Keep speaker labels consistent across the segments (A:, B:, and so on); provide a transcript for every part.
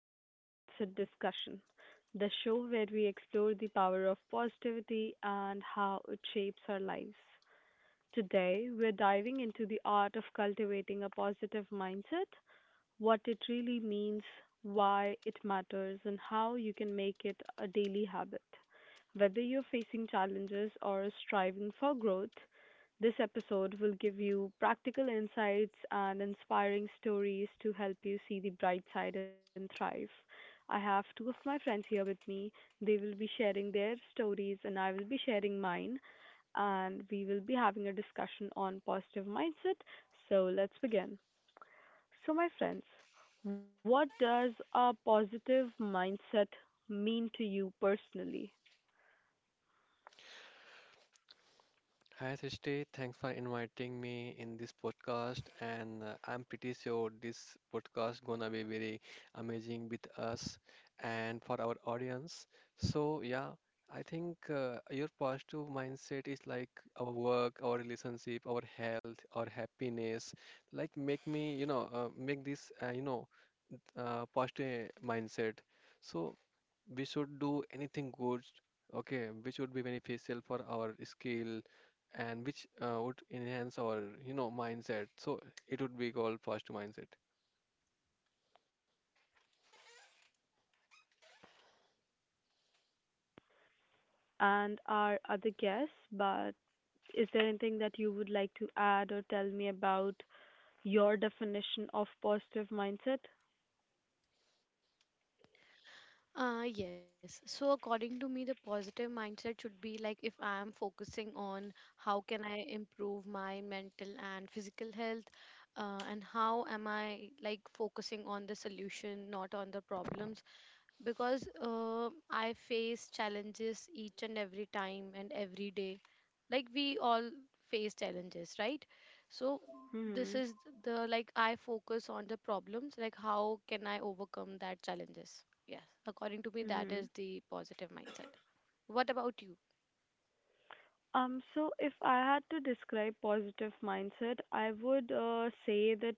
A: Positive Mindset Discussion, the show where we explore the power of positivity and how it shapes our lives. Today, we're diving into the art of cultivating a positive mindset, what it really means, why it matters, and how you can make it a daily habit. Whether you're facing challenges or striving for growth, this episode will give you practical insights and inspiring stories to help you see the bright side and thrive. I have two of my friends here with me. They will be sharing their stories, and I will be sharing mine, and we will be having a discussion on positive mindset. So let's begin. So, my friends, what does a positive mindset mean to you personally?
B: Hi Srishti, thanks for inviting me in this podcast and I'm pretty sure this podcast gonna be very amazing with us and for our audience. So yeah, I think your positive mindset is like our work, our relationship, our health, our happiness. Like make me, make this positive mindset. So we should do anything good, okay, which would be beneficial for our skill and which would enhance our mindset. So it would be called first mindset.
A: And our other guests, but is there anything that you would like to add or tell me about your definition of positive mindset?
C: Yes. So according to me, the positive mindset should be like if I am focusing on how can I improve my mental and physical health, and how am I like focusing on the solution, not on the problems because I face challenges each and every time and every day. Like we all face challenges, right? So this
A: Hmm.
C: is the like I focus on the problems, like how can I overcome that challenges? Yes, according to me, that is
A: Hmm.
C: the positive mindset. What about you?
A: So if I had to describe positive mindset, I would say that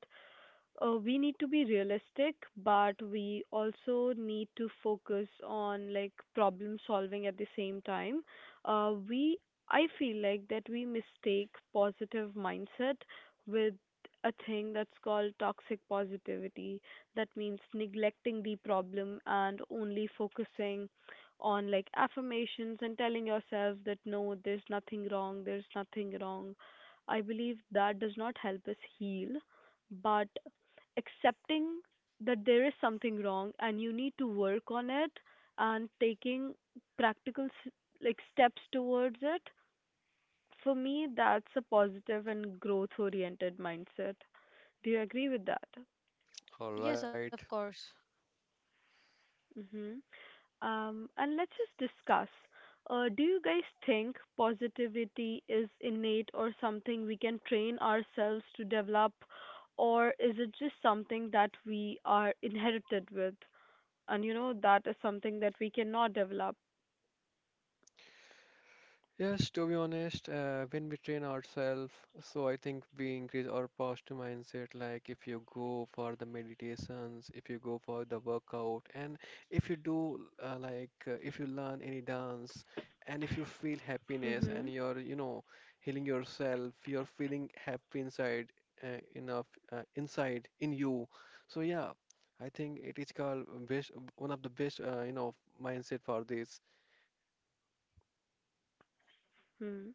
A: we need to be realistic, but we also need to focus on like problem solving at the same time. We I feel like that we mistake positive mindset with a thing that's called toxic positivity. That means neglecting the problem and only focusing on like affirmations and telling yourself that no, there's nothing wrong, there's nothing wrong. I believe that does not help us heal, but accepting that there is something wrong and you need to work on it, and taking practical s- like steps towards it, for me that's a positive and growth oriented mindset. Do you agree with that?
B: All
C: Yes,
B: right.
C: of course.
A: Mhm. And let's just discuss, do you guys think positivity is innate or something we can train ourselves to develop, or is it just something that we are inherited with, and you know that is something that we cannot develop?
B: Yes, to be honest, when we train ourselves, so I think we increase our positive mindset. Like if you go for the meditations, if you go for the workout, and if you do if you learn any dance, and if you feel happiness and
A: Mhm.
B: you're healing yourself, you're feeling happy inside enough inside in you. So yeah, I think it is called best one of the best mindset for this.
A: Mhm.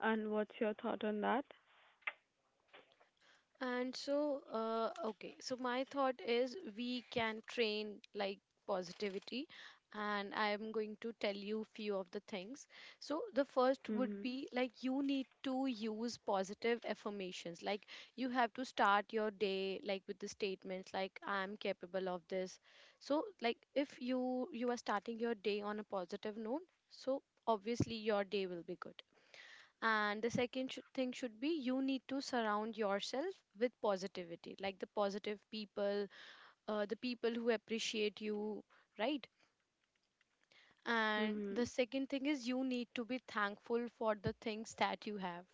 A: And what's your thought on that?
C: And so, okay, so my thought is we can train like positivity, and I am going to tell you few of the things. So the first would
A: Mhm.
C: be like you need to use positive affirmations. Like you have to start your day like with the statements like I am capable of this. So like if you are starting your day on a positive note, so obviously your day will be good, and the second thing should be you need to surround yourself with positivity, like the positive people, the people who appreciate you, right? And the
A: Mhm.
C: second thing is you need to be thankful for the things that you have.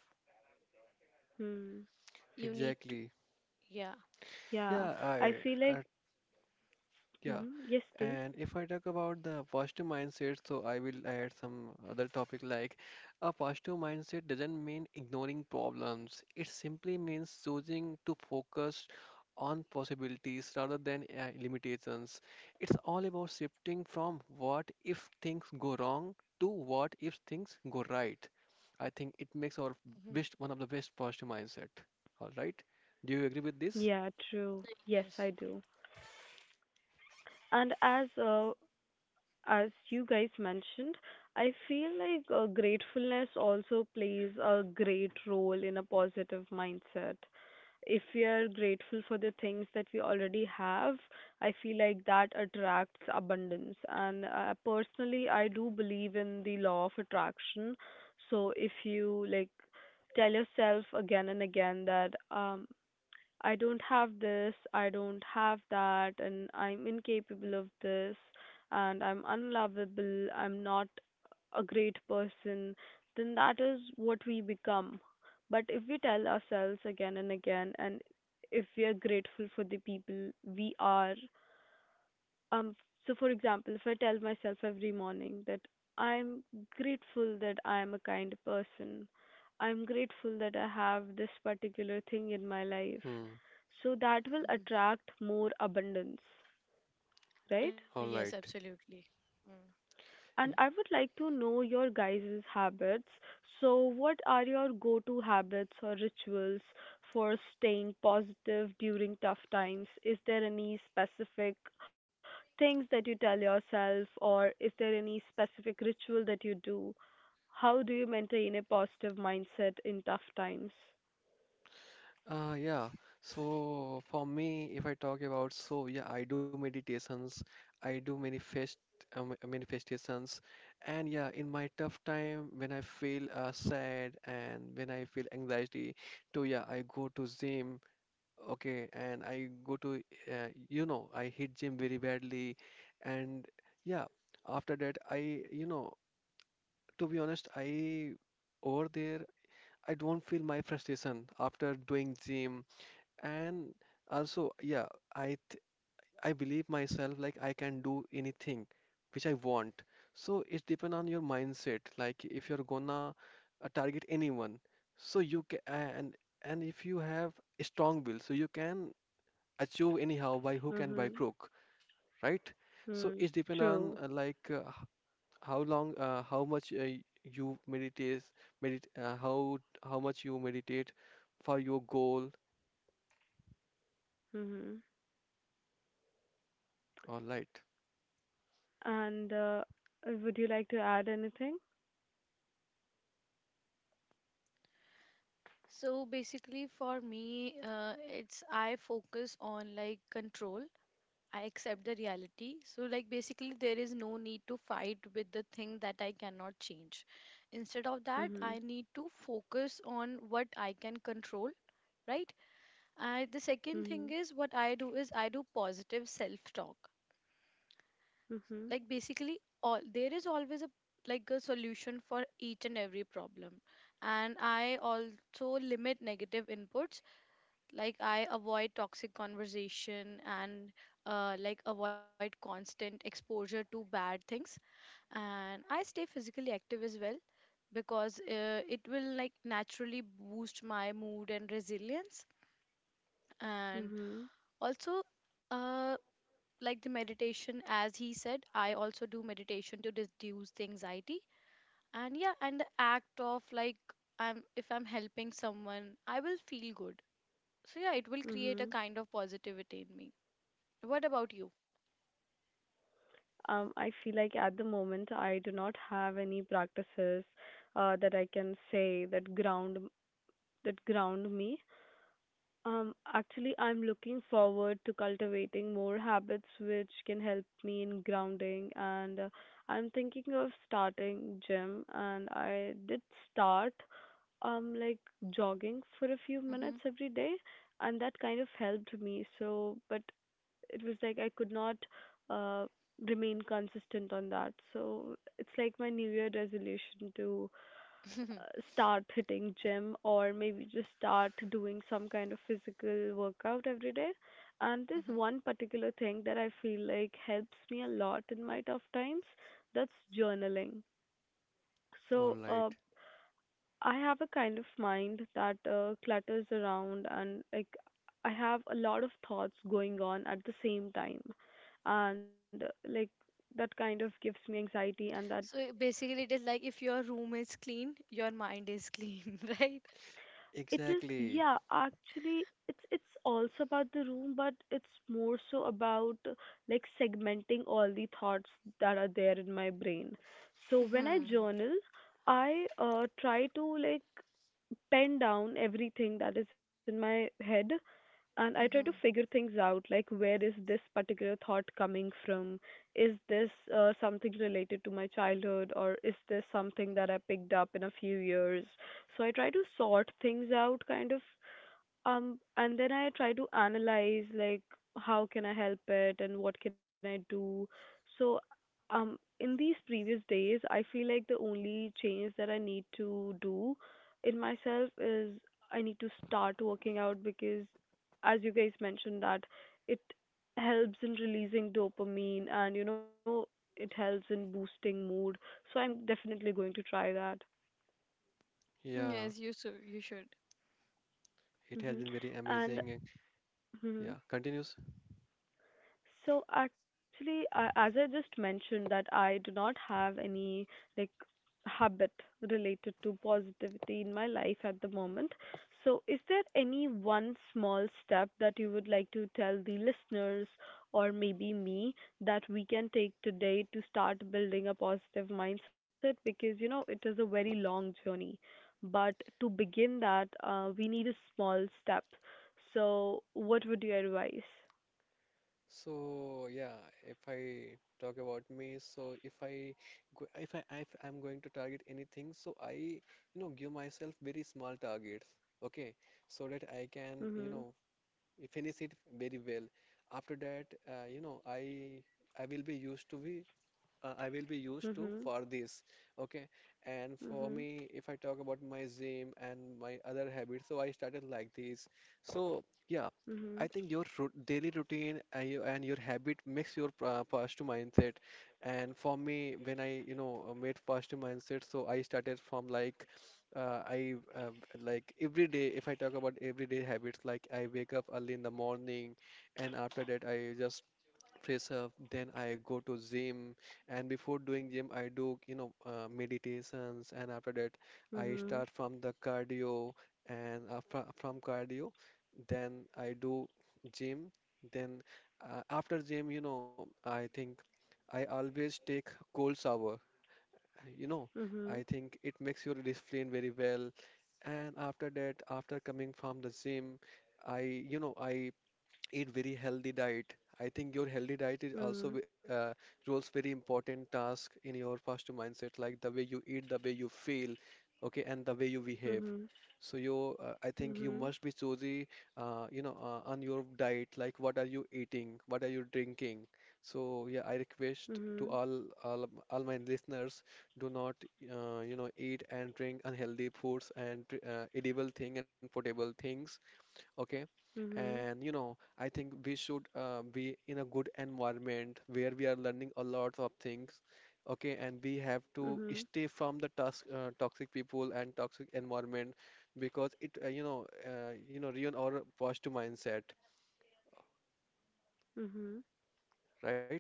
A: Mhm.
C: You need to,
B: Exactly.
C: yeah.
A: Yeah,
B: Yeah,
A: I feel
B: I,
A: like,
B: I Yeah,
A: mhm. Yes, please.
B: and if I talk about the positive mindset, so I will add some other topic like a positive mindset doesn't mean ignoring problems. It simply means choosing to focus on possibilities rather than limitations. It's all about shifting from what if things go wrong to what if things go right. I think it makes our
C: Mhm.
B: best one of the best positive mindset. All right. Do you agree with this?
A: Yeah, true. Yes,
C: Yes.
A: I do. And as you guys mentioned, I feel like gratefulness also plays a great role in a positive mindset. If we are grateful for the things that we already have, I feel like that attracts abundance. And personally, I do believe in the law of attraction. So if you like tell yourself again and again that I don't have this, I don't have that, and I'm incapable of this, and I'm unlovable, I'm not a great person, then that is what we become. But if we tell ourselves again and again, and if we are grateful for the people we are, um, so for example, if I tell myself every morning that I'm grateful that I am a kind person, I'm grateful that I have this particular thing in my life,
B: Hmm.
A: so that will
C: Mhm.
A: attract more abundance, right?
C: Yes,
B: All right.
C: absolutely. Mm.
A: And I would like to know your guys' habits. So, what are your go to habits or rituals for staying positive during tough times? Is there any specific things that you tell yourself, or is there any specific ritual that you do? How do you maintain a positive mindset in tough times?
B: Yeah. So for me, if I talk about, so yeah, I do meditations, I do manifest manifestations, and yeah, in my tough time when I feel sad and when I feel anxiety, too, yeah, I go to gym. Okay, and you know, I hit gym very badly, and yeah, after that, I, you know, to be honest, I over there, I don't feel my frustration after doing gym and also yeah i th- I believe myself like I can do anything which I want. So it depends on your mindset, like if you're gonna target anyone, so you can. And if you have a strong will, so you can achieve anyhow by hook and by
A: Mm-hmm.
B: crook, right? So
A: Mm,
B: it depends on
A: true.
B: how long, how much you meditate, medit how much you meditate for your goal.
A: Mm-hmm.
B: All right.
A: And would you like to add anything?
C: So basically, for me, it's I focus on like control. I accept the reality. So, like, basically, there is no need to fight with the thing that I cannot change. Instead of that,
A: Mm-hmm.
C: I need to focus on what I can control, right? And the second
A: Mm-hmm.
C: thing is what I do is I do positive self talk.
A: Mm-hmm.
C: Like, basically, all there is always a, like, a solution for each and every problem. And I also limit negative inputs, like I avoid toxic conversation, and like avoid constant exposure to bad things, and I stay physically active as well because it will like naturally boost my mood and resilience. And
A: Mm-hmm.
C: also uh, like the meditation, as he said, I also do meditation to reduce the anxiety. And yeah, and the act of like I'm if I'm helping someone, I will feel good. So yeah, it will create a
A: Mm-hmm.
C: kind of positivity in me. What about you?
A: I feel like at the moment I do not have any practices that I can say that ground me. Actually, I'm looking forward to cultivating more habits which can help me in grounding, and I'm thinking of starting gym. And I did start like jogging for a few minutes
C: Mhm.
A: every day, and that kind of helped me. So, but it was like I could not, uh, remain consistent on that. So it's like my New Year resolution to
C: Mhm.
A: start hitting gym or maybe just start doing some kind of physical workout every day. And there's one particular thing that I feel like helps me a lot in my tough times. That's journaling.
B: All
A: So
B: right.
A: I have a kind of mind that clutters around, and like I have a lot of thoughts going on at the same time, and like that kind of gives me anxiety. And that,
C: So basically, it is like if your room is clean, your mind is clean, right?
A: it is,
B: Exactly.
A: yeah, actually it's also about the room, but it's more so about like segmenting all the thoughts that are there in my brain. So when I
C: Mhm.
A: journal, I try to like pen down everything that is in my head, and I try to figure
C: Mhm.
A: things out, like where is this particular thought coming from? Is this something related to my childhood, or is this something that I picked up in a few years? So I try to sort things out, kind of, and then I try to analyze like how can I help it and what can I do. So, um, in these previous days, I feel like the only change that I need to do in myself is I need to start working out because, as you guys mentioned, that it helps in releasing dopamine, and you know it helps in boosting mood. So I'm definitely going to try that.
B: Yeah,
C: Yes, you should. You should.
B: it has
A: Mhm.
B: been very
A: And
B: amazing.
A: mhm.
B: Yeah, continues.
A: So actually, as I just mentioned, that I do not have any like habit related to positivity in my life at the moment. So is there any one small step that you would like to tell the listeners or maybe me that we can take today to start building a positive mindset? Because you know, it is a very long journey. But to begin that, we need a small step. So what would you advise?
B: So yeah, if I talk about me, so if I if I if I'm going to target anything, so I you know give myself very small targets, okay, so that I can you
A: Mm-hmm.
B: know finish it very well. After that, you know I will be used to be, I will be used to
A: Mhm.
B: for this. Okay. And for
A: Mhm.
B: me, if I talk about my gym and my other habits, so I started like this. So, yeah, I
A: Mhm.
B: think your ru daily routine and your habit makes your positive mindset. And for me, when I, you know, made positive mindset, so I started from like, I like every day, if I talk about everyday habits, like I wake up early in the morning, and after that, I just fresh up, then I go to gym. And before doing gym I do meditations, and after that I
A: Mhm.
B: start from the cardio, and fr from cardio then I do gym, then after gym you know I think I always take cold shower, you know.
A: Mhm.
B: I think it makes your discipline very well. And after that, after coming from the gym, I you know I eat very healthy diet. I think your healthy diet is also
A: Mhm.
B: roles very important task in your positive mindset, like the way you eat, the way you feel, okay, and the way you behave.
A: Mhm.
B: So I think you
A: Mhm.
B: must be choosy, on your diet, like what are you eating, what are you drinking. So yeah, I
A: Mhm.
B: request to all my listeners, do not, eat and drink unhealthy foods and edible thing and potable things, okay.
A: Mhm.
B: And you know I think we should be in a good environment where we are learning a lot of things, okay. And we have to
A: Mhm.
B: stay from the toxic people and toxic environment, because it ruin our positive mindset,
A: Mhm.
B: right?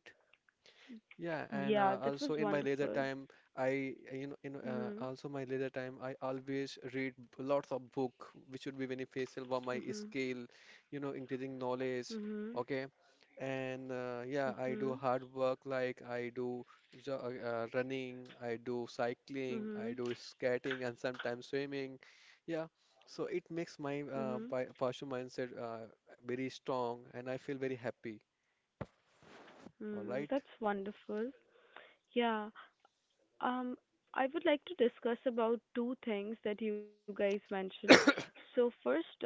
B: Yeah,
A: Yeah,
B: and
A: that was
B: also in my
A: wonderful.
B: leisure time, I you know in
A: Mhm.
B: also my leisure time, I always read lots of book, which would be beneficial for my
A: Mhm.
B: skill, you know, increasing knowledge.
A: Mhm.
B: Okay, and yeah, I do
A: Mhm.
B: hard work, like I do jo running, I do cycling, I
A: Mhm.
B: do skating, and sometimes swimming. Yeah, so it makes my
A: Mhm.
B: partial mindset very strong, and I feel very happy. All
A: Mm,
B: right.
A: that's wonderful. Yeah. Um, I would like to discuss about two things that you guys mentioned. So first,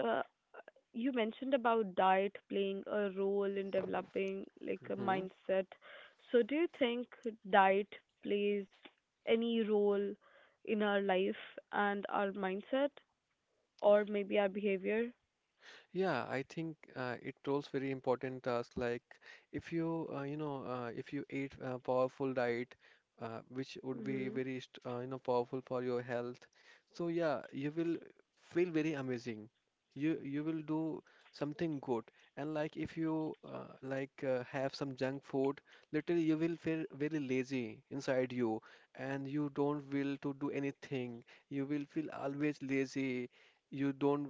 A: you mentioned about diet playing a role in developing like a mindset. So do you think diet plays any role in our life and our mindset, or maybe our behavior?
B: Yeah, I think it rolls very important task. Like if if you eat a powerful diet, which would be
A: Mhm.
B: very, you know, powerful for your health. So yeah, you will feel very amazing. You will do something good. And like if you have some junk food, literally you will feel very lazy inside you, and you don't will to do anything. You will feel always lazy, you don't,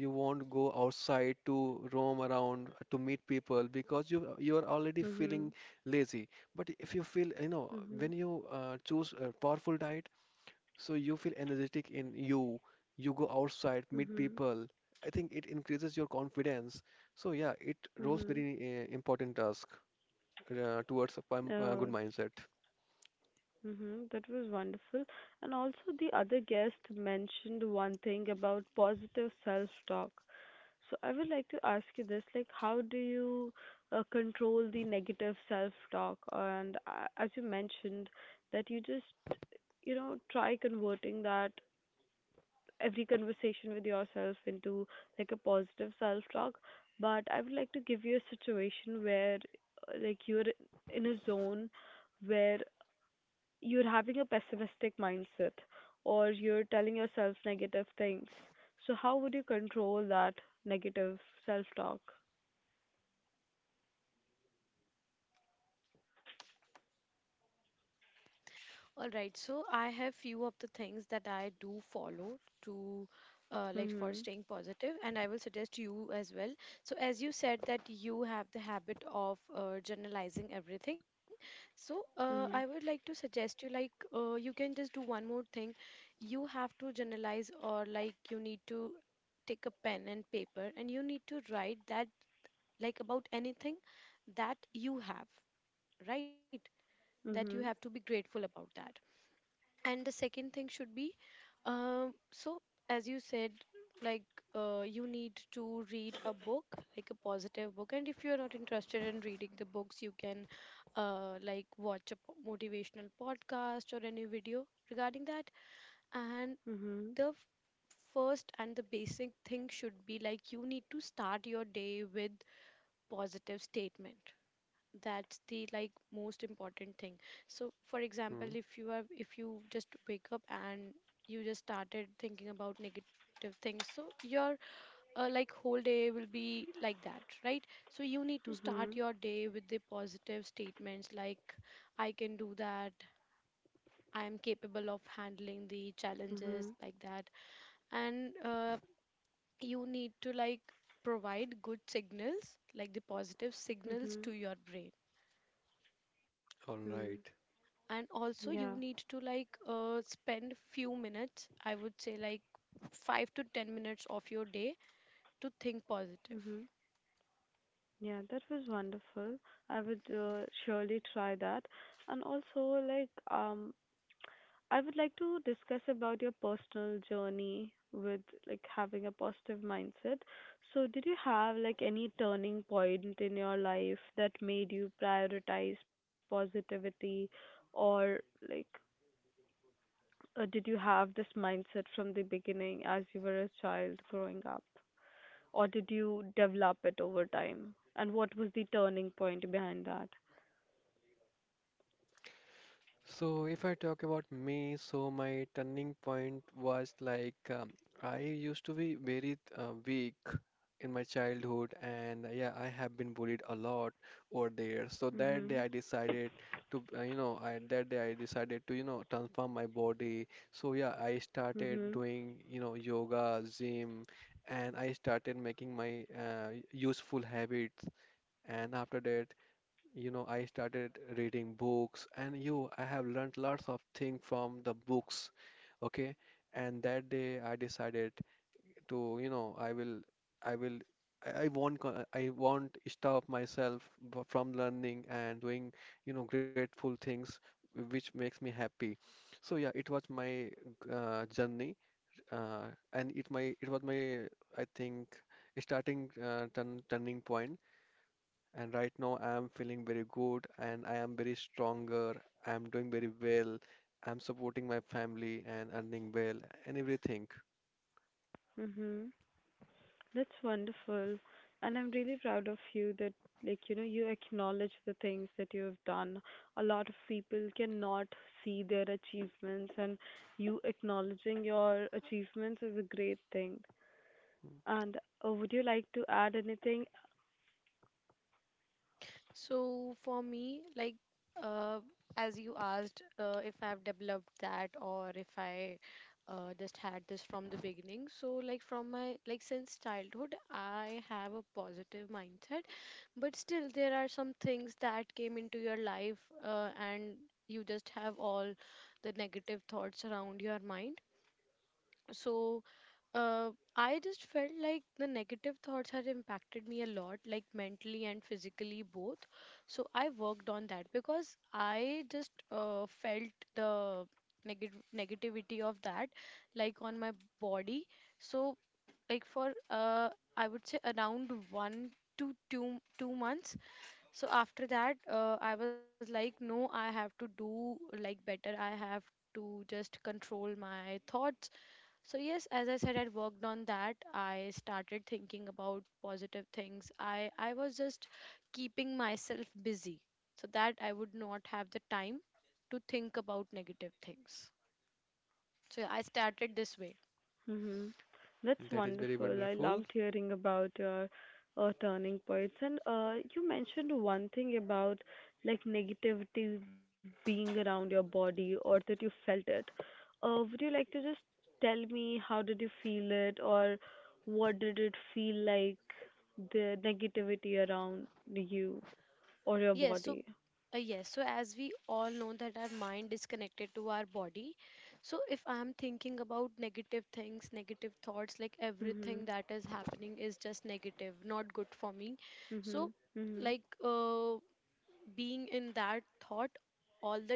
B: you won't go outside to roam around to meet people because you are already feeling
A: Mhm.
B: lazy. But if you feel you know
A: Mhm.
B: when you choose a powerful diet, so you feel energetic in you, you go outside, meet
A: Mhm.
B: people. I think it increases your confidence. So yeah, it roles
A: Mhm.
B: very important task towards a
A: Uh,
B: good mindset.
A: mhm. That was wonderful. And also the other guest mentioned one thing about positive self-talk. So I would like to ask you this, like how do you control the negative self-talk? And as you mentioned that you just, you know, try converting that every conversation with yourself into like a positive self-talk. But I would like to give you a situation where, like you're in a zone where you're having a pessimistic mindset or you're telling yourself negative things. So how would you control that negative self-talk?
C: All right, so I have few of the things that I do follow to, like for
A: Mhm.
C: staying positive, and I will suggest you as well. So as you said that you have the habit of generalizing everything, so I would
A: Mhm.
C: like to suggest you like you can just do one more thing. You have to generalize, or like you need to take a pen and paper and you need to write that, like, about anything that you have, right? That you
A: Mhm.
C: have to be grateful about that. And the second thing should be, so, as you said, like you need to read a book, like a positive book, and if you are not interested in reading the books, you can like watch a motivational podcast or any video regarding that. And
A: Mhm.
C: the first and the basic thing should be like you need to start your day with positive statement. That's the like most important thing. So for example,
B: Hmm.
C: if you just wake up and you just started thinking about negative things, so your, like, whole day will be like that, right? So you need to start
A: Mhm.
C: your day with the positive statements, like I can do that, I am capable of handling the challenges,
A: Mhm.
C: like that. And you need to like provide good signals, like the positive signals
A: Mhm.
C: to your brain.
B: All
A: Mm.
B: right.
C: And also you
A: Yeah.
C: need to like spend few minutes, I would say like 5 to 10 minutes of your day, to think positive.
A: Mhm. Yeah, that was wonderful. I would
C: Mhm.
A: surely try that. And also, like, I would like to discuss about your personal journey with like having a positive mindset. So, did you have like any turning point in your life that made you prioritize positivity, or like, did you have this mindset from the beginning as you were a child growing up, or did you develop it over time? And what was the turning point behind that?
B: So, if I talk about me, so my turning point was like I used to be very weak in my childhood, and yeah, I have been bullied a lot over there. So that day
A: Mhm.
B: I decided to, you know, I that day I decided to, you know, transform my body. So yeah, I started
A: Mhm.
B: doing, you know, yoga, gym, and I started making my useful habits. And after that, you know, I started reading books, and you, I have learned lots of things from the books. Okay, and that day I decided to, I will, I won't, I won't stop myself from learning and doing, you know, grateful things, which makes me happy. So yeah, it was my journey, and it was my, I think, starting turning point. And right now, I am feeling very good and I am very stronger. I am doing very well. I am supporting my family and earning well and everything.
A: Mhm. That's wonderful. And I'm really proud of you that like you know you acknowledge the things that you have done. A lot of people cannot see their achievements, and you acknowledging your achievements is a great thing.
B: Mm,
A: And would you like to add anything?
C: So for me, like uh, as you asked, if I've developed that or if I just had this from the beginning. So like from my, like, since childhood, I have a positive mindset. But still, there are some things that came into your life, and you just have all the negative thoughts around your mind. So, uh, I just felt like the negative thoughts had impacted me a lot, like mentally and physically both. So I worked on that because I just felt the negative negativity of that, like on my body. So, like for I would say around 1 to 2 two months. So after that, I was like, no, I have to do like better. I have to just control my thoughts. So yes, as I said, I worked on that. I started thinking about positive things. I was just keeping myself busy so that I would not have the time to think about negative things. So yeah, I started this way.
A: Mm-hmm. That's
B: that is very
A: wonderful. I
B: wonderful.
A: loved hearing about your, turning points. And you mentioned one thing about like negativity being around your body or that you felt it. Would you like to just tell me how did you feel it, or what did it feel like, the negativity around you or your
C: Yes, so
A: body?
C: yes, so as we all know that our mind is connected to our body. So if I'm thinking about negative things, negative thoughts, like
A: Mm-hmm.
C: everything that is happening is just negative, not good for me.
A: Mm-hmm.
C: So
A: Mm-hmm.
C: like being in that thought all the day,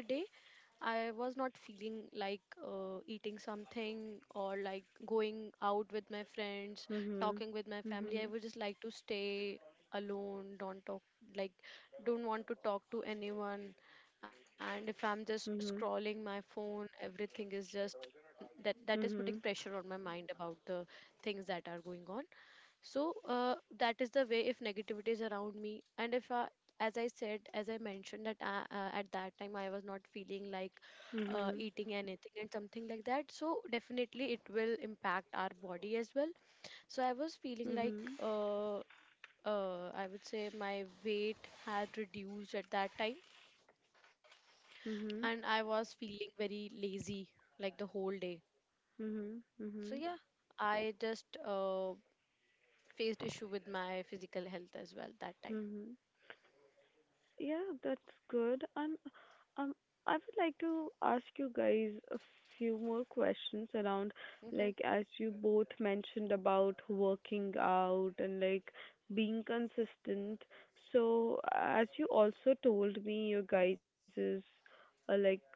C: I was not feeling like eating something or like going out with my friends, talking with my family. I
A: Mm-hmm.
C: would just like to stay alone, don't talk, like, don't want to talk to anyone. And if I'm just
A: Mm-hmm.
C: scrolling my phone, everything is just that is
A: Mm-hmm.
C: putting
A: Mm-hmm.
C: pressure on my mind about the things that are going on. So that is the way if negativity is around me. And if I, as I mentioned, that at that time I was not feeling like
A: Mm-hmm.
C: eating anything and something like that, so definitely it will impact our body as well. So I was feeling like
A: Mm-hmm.
C: I would say my weight had reduced at that time,
A: Mhm.
C: and I was feeling very lazy, like the whole day.
A: Mhm.
C: So
A: Mhm.
C: yeah, I just faced issue with my physical health as well that time.
A: Mhm. Yeah, that's good. And um, I would like to ask you guys a few more questions around,
C: hmm
A: like, as you both mentioned about working out and like being consistent. So, as you also told me, your guys's like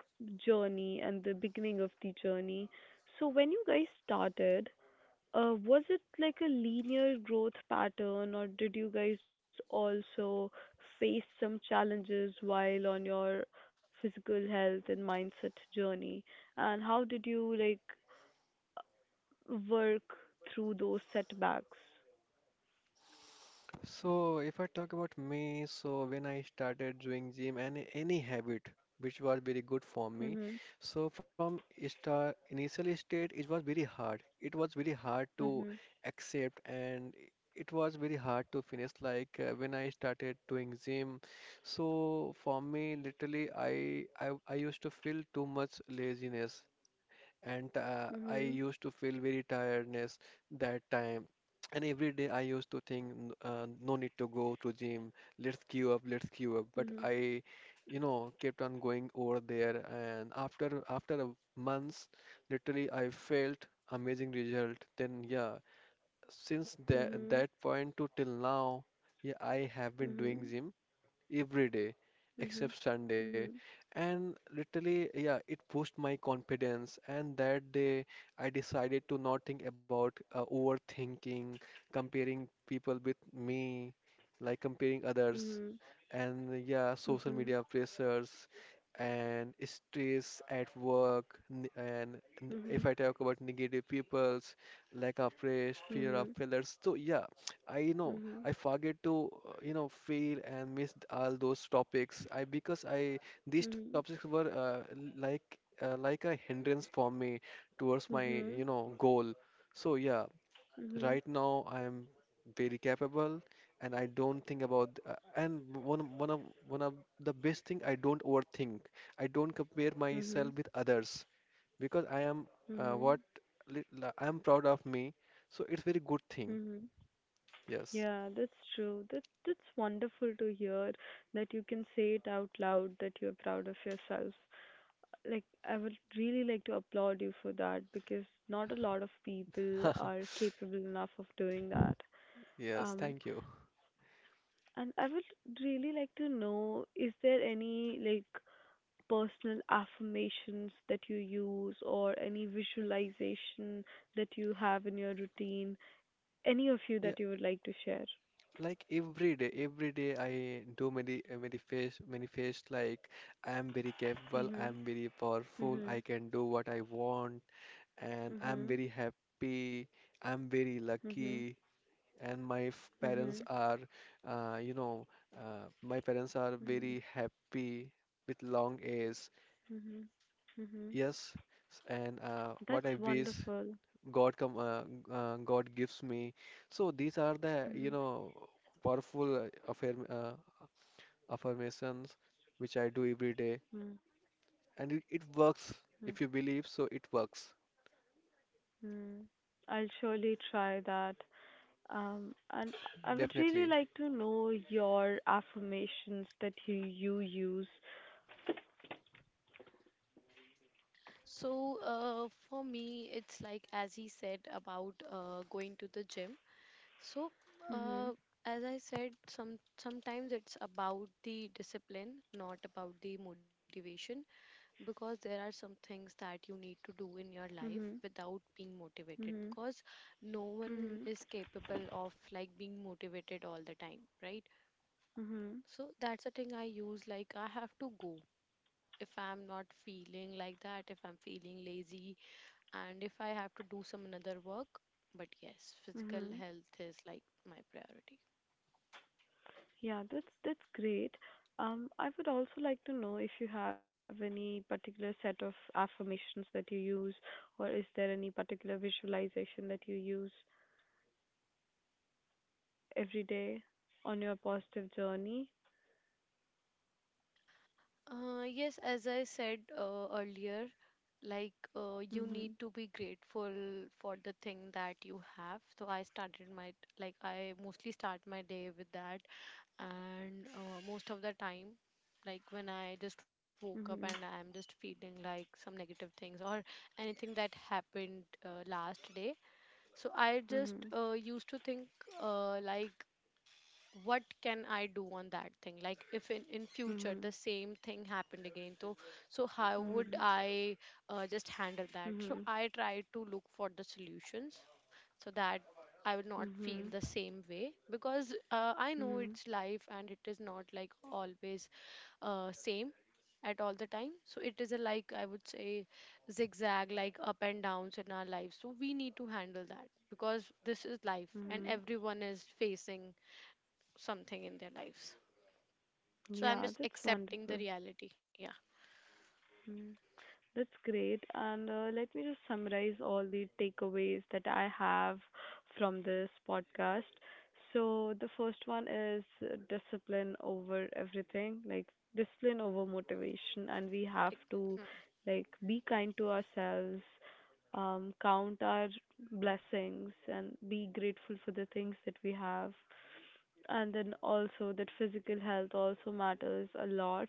A: journey and the beginning of the journey. So, when you guys started, was it like a linear growth pattern, or did you guys also face some challenges while on your physical health and mindset journey? And how did you like work through those setbacks?
B: So, if I talk about me, so when I started doing gym and any habit which was very good for
A: Mhm.
B: me, so from start initial state it was very hard. It was very hard to
A: Mhm.
B: accept and it was very hard to finish. Like when I started doing gym, so for me literally I used to feel too much laziness and I
A: Mhm.
B: used to feel very tiredness that time. And every day I used to think, " no need to go to gym. Let's queue up. Let's queue up. But
A: Mhm.
B: I, you know, kept on going over there. And after a months, literally I felt amazing result. Then yeah, since that
A: Mhm.
B: that point to till now, yeah, I have been doing gym every day
A: Mhm.
B: except Sunday.
A: Mhm.
B: And literally, yeah, it pushed my confidence. And that day, I decided to not think about overthinking, comparing people with me, like comparing others,
A: Mhm.
B: and yeah, social
A: Mhm.
B: media pressures. And stress at work, if
A: Mhm.
B: I talk about negative peoples, lack of rest, fear of failures. So yeah, I
A: Mhm.
B: know
A: Mhm.
B: I forget to, you know, fail and miss all those topics. I because I these
A: Mhm.
B: topics were like a hindrance for me towards my,
A: Mhm.
B: you know, goal. So yeah,
A: Mhm.
B: right now I am very capable, and I don't think about. And one of the best thing I don't overthink. I don't compare
A: Mhm.
B: myself with others because I am
A: Mhm.
B: uh, what
A: Mhm.
B: li- I am proud of me. So it's very good thing.
A: Mhm.
B: Yes.
A: Yeah, that's true. That's wonderful to hear that you can say it out loud that you're proud of yourself. Like I would really like to applaud you for that because not a lot of people are capable enough of doing that.
B: Yes,
A: Um,
B: thank you.
A: and I would really like to know, is there any like personal affirmations that you use, or any visualization that you have in your routine? Any of you
B: Yeah,
A: that you would like to share?
B: like every day I do many face like I am very capable, I
A: Mhm.
B: am very powerful, I
A: Mhm.
B: can do what I want, and I am
A: Mhm.
B: very happy, I am very
A: Mhm.
B: lucky, and parents
A: Mhm.
B: are, uh, you know, my parents are
A: Mhm.
B: very happy with long age.
A: Mhm. Mhm.
B: Yes, and what I
A: That's
B: wish
A: wonderful.
B: God God gives me. So these are the, you
A: Mhm.
B: know, powerful affirmations which I do every day,
A: Mhm.
B: and it works. If you
A: Mhm.
B: believe, so it works,
A: Mhm. I'll surely try that. And I would really
B: definitely.
A: like to know your affirmations that you use.
C: So, for me, it's like, as he said, about going to the gym. So,
A: Mhm.
C: uh, as I said, sometimes it's about the discipline, not about the motivation. Because there are some things that you need to do in your life
A: Mhm.
C: without being motivated,
A: Mhm.
C: because no one
A: Mhm.
C: is capable of like being motivated all the time, right?
A: Mhm.
C: So that's the thing I use, like I have to go if I'm not feeling like that, if I'm feeling lazy, and if I have to do some another work. But yes, physical
A: Mhm.
C: health is like my priority.
A: Yeah, that's great. I would also like to know if you have any particular set of affirmations that you use, or is there any particular visualization that you use every day on your positive journey?
C: Yes, as I said earlier, like you need
A: Mhm.
C: to be grateful for the thing that you have. So I started my, like, I mostly start my day with that, and most of the time, like when I just woke up
A: Mhm.
C: and I'm just feeling like some negative things or anything that happened last day. So I just
A: Mhm.
C: used to think like what can I do on that thing. Like if in future
A: Mhm.
C: the same thing happened again, so how would
A: Mhm.
C: I just handle that? So
A: Mhm.
C: I try to look for the solutions so that I would not feel
A: Mhm.
C: the same way, because I know
A: Mhm.
C: it's life and it is not like always same at all the time. So it is a, like, I would say, zigzag, like up and downs in our lives, so we need to handle that because this is life and
A: Mhm.
C: everyone is facing something in their lives. So I'm
A: Yeah,
C: just
A: that's
C: accepting the
A: wonderful.
C: reality. Yeah.
A: Mhm. That's great. And let me just summarize all the takeaways that I have from this podcast. So, the first one is, discipline over everything, like discipline over motivation. And we have
C: Like,
A: to
C: hmm,
A: like be kind to ourselves, count our blessings, and be grateful for the things that we have. And then also that physical health also matters a lot,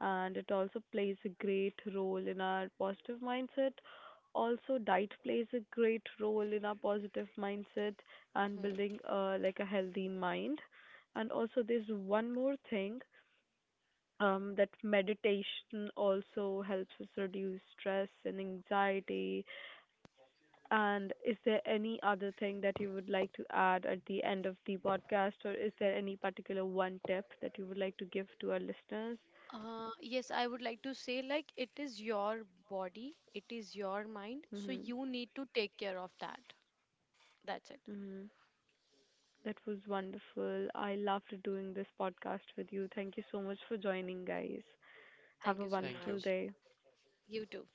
A: and it also plays a great role in our positive mindset. Also diet plays a great role in our positive mindset and
C: hmm.
A: building like a healthy mind. And also there's one more thing, that meditation also helps us reduce stress and anxiety. And is there any other thing that you would like to add at the end of the podcast, or is there any particular one tip that you would like to give to our listeners?
C: Yes, I would like to say like it is your body, it is your mind, so
A: Mm-hmm.
C: you need to take care of that. That's it.
A: Mm-hmm. That was wonderful. I loved doing this podcast with you. Thank you so much for joining, guys. Have
C: Thank
A: a
C: you so
B: Thank you.
A: wonderful
C: much.
A: day.
C: You too.